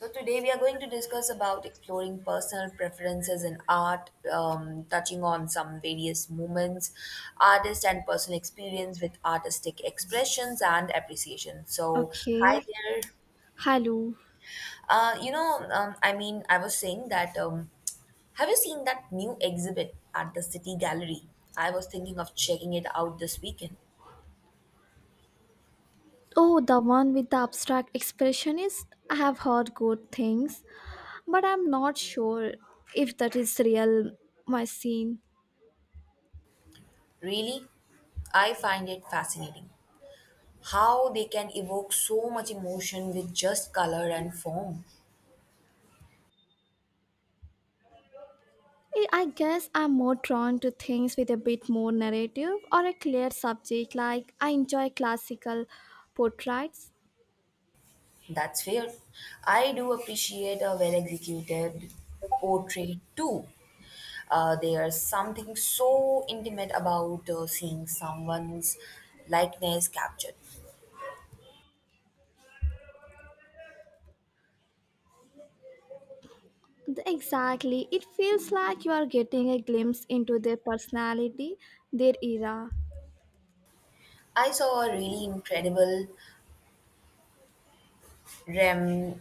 So today we are going to discuss about exploring personal preferences in art, touching on some various movements, artist and personal experience with artistic expressions and appreciation. So hi Okay. there. Hello. I was saying that. Have you seen that new exhibit at the City Gallery? I was thinking of checking it out this weekend. Oh, the one with the abstract expressionist. I have heard good things, but I'm not sure if that is real my scene. Really, I find it fascinating how they can evoke so much emotion with just color and form. I guess I'm more drawn to things with a bit more narrative or a clear subject, like I enjoy classical portraits. That's fair. I do appreciate a well executed portrait too. There's something so intimate about seeing someone's likeness captured. Exactly. It feels like you are getting a glimpse into their personality, their era. I saw a really incredible Rem-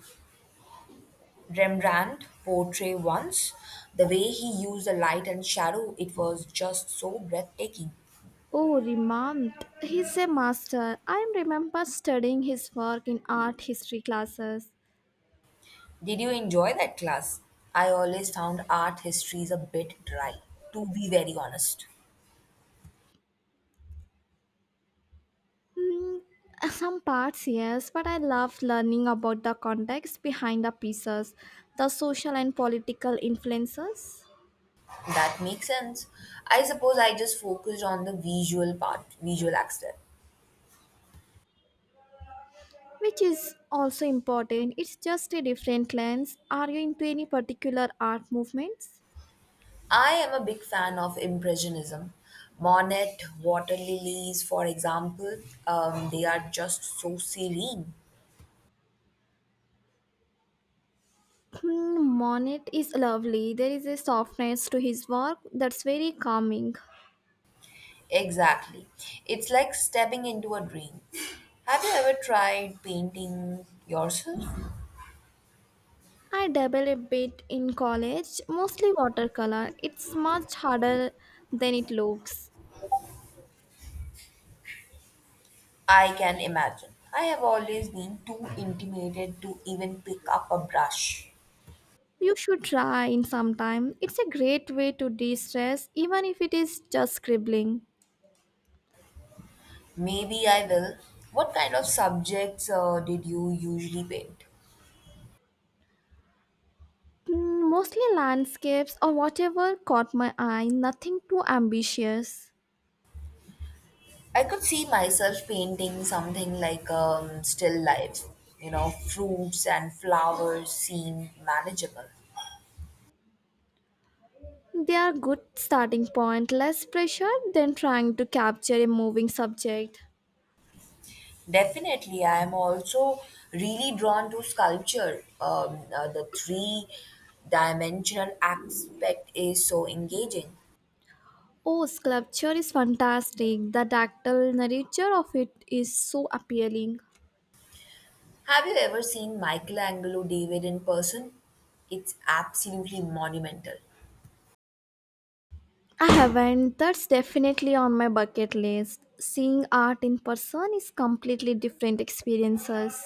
Rembrandt portrait once. The way he used the light and shadow, it was just so breathtaking. Oh, Rimant, he's a master. I remember studying his work in art history classes. Did you enjoy that class? I always found art histories a bit dry, to be very honest. Hmm, some parts, yes, but I love learning about the context behind the pieces, the social and political influences, That makes sense. I suppose I just focused on the visual visual aspect. which is also important. It's just a different lens. Are you into any particular art movements? I am a big fan of Impressionism. Monet, water lilies, for example, they are just so serene. Hmm, Monet is lovely. There is a softness to his work that's very calming. Exactly. It's like stepping into a dream. Have you ever tried painting yourself? I dabble a bit in college, mostly watercolor. It's much harder than it looks. I can imagine. I have always been too intimidated to even pick up a brush. You should try in some time. It's a great way to de-stress even if it is just scribbling. Maybe I will. What kind of subjects did you usually paint? Mm, mostly landscapes or whatever caught my eye, nothing too ambitious. I could see myself painting something like still life, you know, fruits and flowers seem manageable. They are good starting point, less pressure than trying to capture a moving subject. Definitely, I am also really drawn to sculpture. The three dimensional aspect is so engaging. Oh, sculpture is fantastic. The dactyl nature of it is so appealing. Have you ever seen Michelangelo David in person? It's absolutely monumental. I haven't. That's definitely on my bucket list. Seeing art in person is completely different experiences.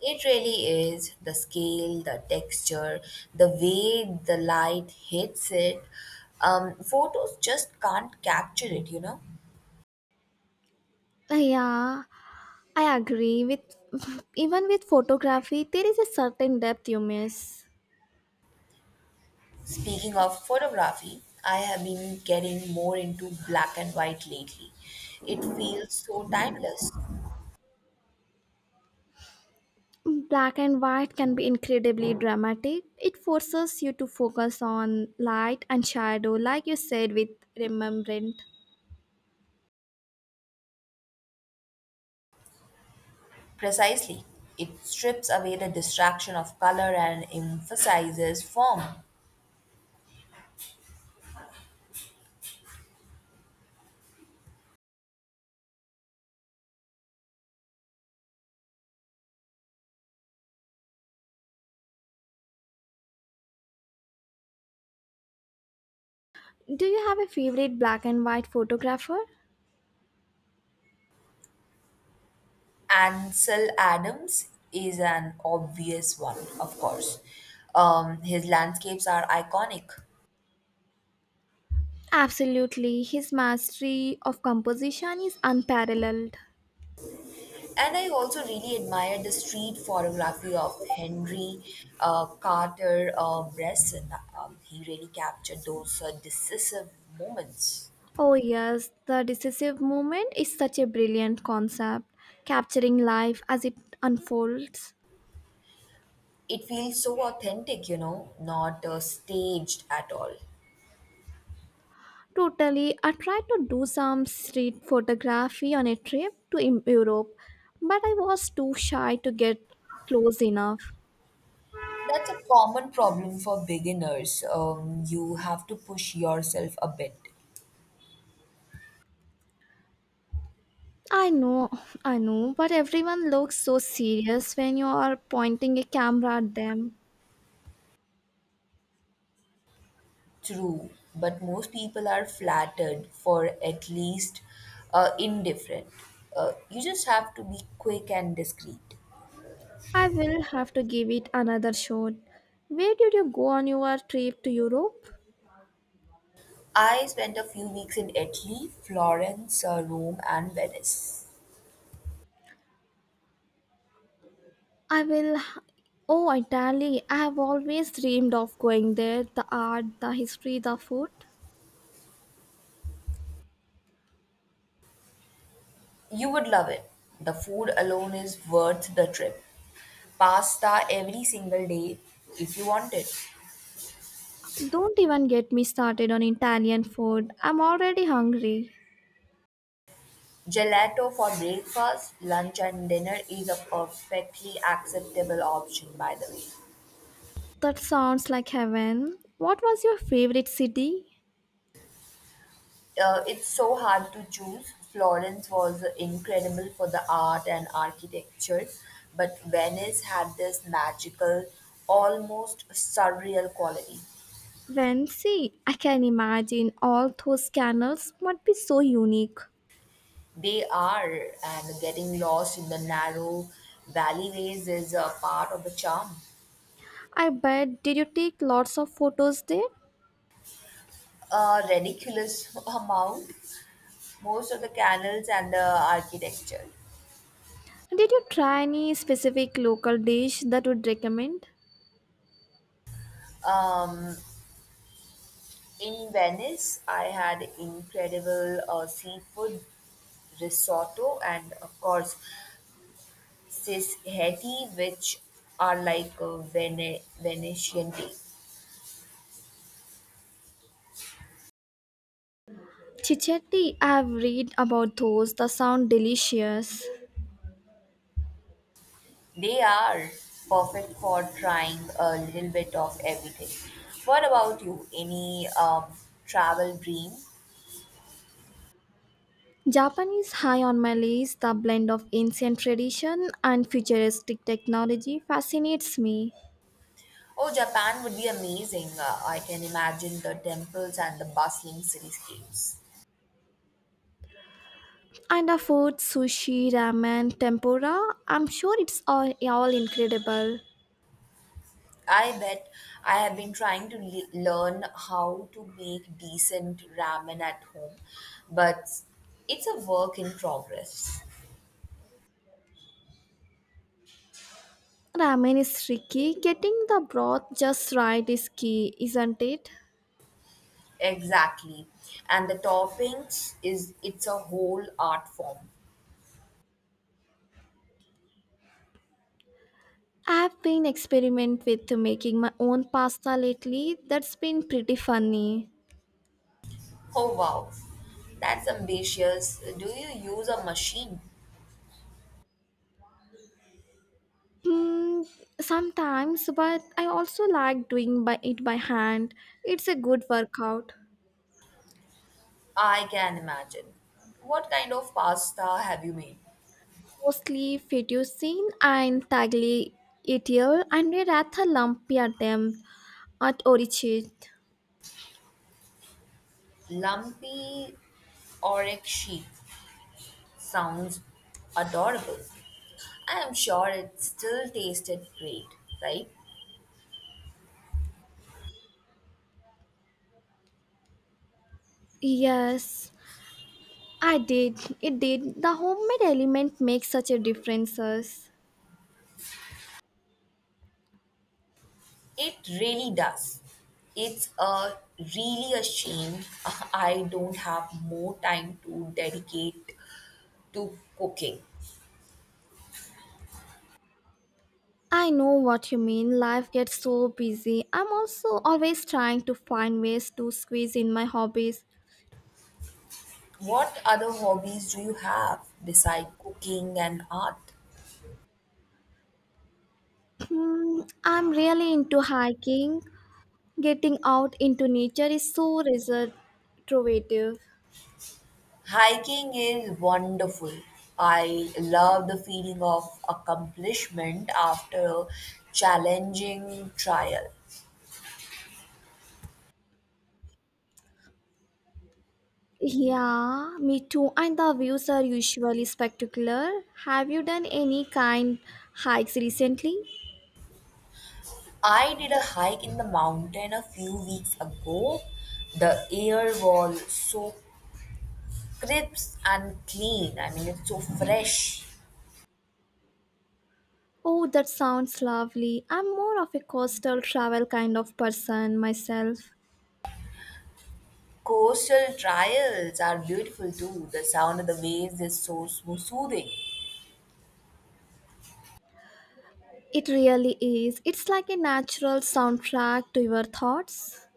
It really is the scale, the texture, the way the light hits it. Photos just can't capture it. Yeah, I agree with even with photography there is a certain depth you miss. Speaking of photography, I have been getting more into black and white lately. It feels so timeless. Black and white can be incredibly dramatic. It forces you to focus on light and shadow like you said with Rembrandt. Precisely, it strips away the distraction of color and emphasizes form. Do you have a favorite black and white photographer? Ansel Adams is an obvious one, of course. His landscapes are iconic. Absolutely. His mastery of composition is unparalleled. And I also really admire the street photography of Henry Carter Bresson. He really captured those decisive moments. Oh, yes, the decisive moment is such a brilliant concept, capturing life as it unfolds. It feels so authentic, not staged at all. Totally, I tried to do some street photography on a trip to Europe, but I was too shy to get close enough. That's a common problem for beginners. You have to push yourself a bit. I know, I know, but everyone looks so serious when you are pointing a camera at them. True, but most people are flattered for at least indifferent. You just have to be quick and discreet. I will have to give it another shot. Where did you go on your trip to Europe? I spent a few weeks in Italy, Florence, Rome, and Venice. I will. Oh, Italy. I have always dreamed of going there. The art, the history, the food. You would love it. The food alone is worth the trip. Pasta every single day if you want it. Don't even get me started on Italian food. I'm already hungry. Gelato for breakfast, lunch, and dinner is a perfectly acceptable option, by the way. That sounds like heaven. What was your favorite city? It's so hard to choose. Florence was incredible for the art and architecture, but Venice had this magical, almost surreal quality. Venice. I can imagine all those canals must be so unique. They are, and getting lost in the narrow alleyways is a part of the charm. I bet. Did you take lots of photos there? A ridiculous amount, most of the canals and the architecture. Did you try any specific local dish that would recommend? Um, In Venice, I had incredible seafood risotto and, of course, sishetti, which are like a Venetian tea. Chichetti, I've read about those. The sound delicious. They are perfect for trying a little bit of everything. What about you? Any travel dream? Japan is high on my list. The blend of ancient tradition and futuristic technology fascinates me. Oh, Japan would be amazing. I can imagine the temples and the bustling cityscapes. And the food, sushi, ramen, tempura, I'm sure it's all incredible. I bet I have been trying to learn how to make decent ramen at home, but it's a work in progress. Ramen is tricky. Getting the broth just right is key, isn't it? Exactly. And the toppings is it's a whole art form. I've been experimenting with making my own pasta lately. That's been pretty funny. Oh wow. That's ambitious. Do you use a machine? Mm, sometimes, but I also like doing by it by hand. It's a good workout. I can imagine. What kind of pasta have you made? Mostly fettuccine and tagliatelle, and we wrapped a lumpy at them at orchid. Lumpy oryx sheep. Sounds adorable. I am sure it still tasted great, right? Yes, I did. It did. The homemade element makes such a differences. It really does. It's a really a shame I don't have more time to dedicate to cooking. I know what you mean. Life gets so busy. I'm also always trying to find ways to squeeze in my hobbies. What other hobbies do you have besides cooking and art? Hmm, I'm really into hiking. Getting out into nature is so restorative. Hiking is wonderful. I love the feeling of accomplishment after a challenging trial. Yeah, me too. And the views are usually spectacular. Have you done any kind hikes recently? I did a hike in the mountain a few weeks ago. The air was so crisp and clean. I mean, it's so fresh. Oh, that sounds lovely. I'm more of a coastal travel kind of person myself. Coastal trails are beautiful too. The sound of the waves is so smooth, soothing. It really is. It's like a natural soundtrack to your thoughts.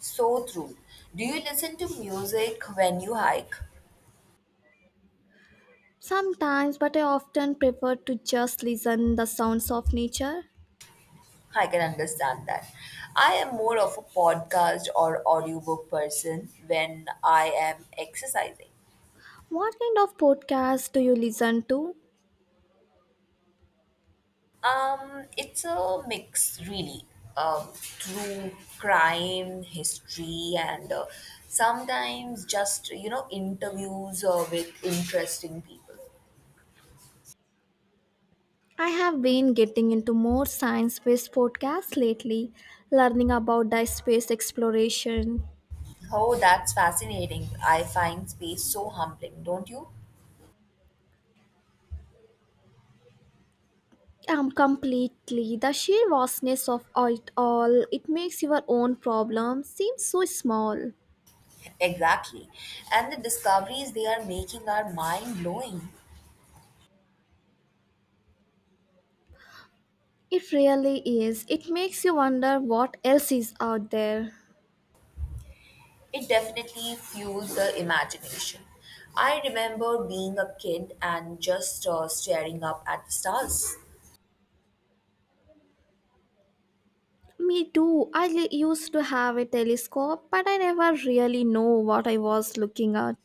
So true. Do you listen to music when you hike? Sometimes, but I often prefer to just listen the sounds of nature. I can understand that. I am more of a podcast or audiobook person when I am exercising. What kind of podcast do you listen to? It's a mix, really. Um, True crime, history, and sometimes just interviews with interesting people. I have been getting into more science based podcasts lately, learning about the space exploration. Oh, that's fascinating. I find space so humbling, don't you? Completely. The sheer vastness of it all, it makes your own problem seem so small. Exactly. And the discoveries they are making are mind blowing. It really is. It makes you wonder what else is out there. It definitely fuels the imagination. I remember being a kid and just staring up at the stars. Me too. Used to have a telescope, but I never really know what I was looking at.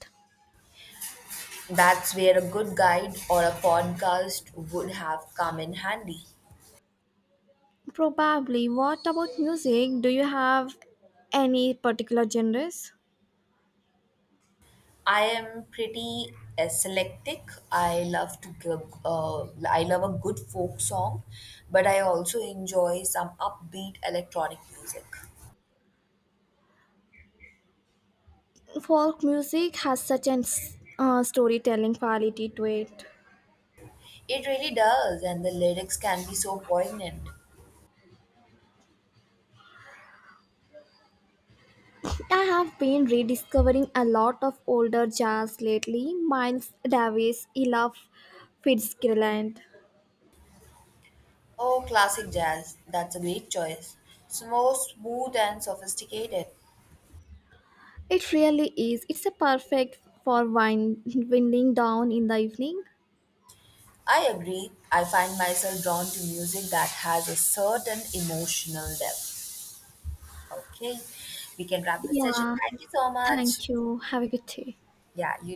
That's where a good guide or a podcast would have come in handy. Probably. What about music? Do you have any particular genres? I am pretty eclectic. I love to give, uh, I love a good folk song, but I also enjoy some upbeat electronic music. Folk music has such an storytelling quality to it. It really does, and the lyrics can be so poignant. I have been rediscovering a lot of older jazz lately. Miles Davis, Ella Fitzgerald. Oh, classic jazz, that's a great choice. So smooth and sophisticated. It really is. It's a perfect for winding down in the evening. I agree. I find myself drawn to music that has a certain emotional depth. Okay, we can wrap the session. Yeah. Thank you so much. Thank you. Have a good day. Yeah, you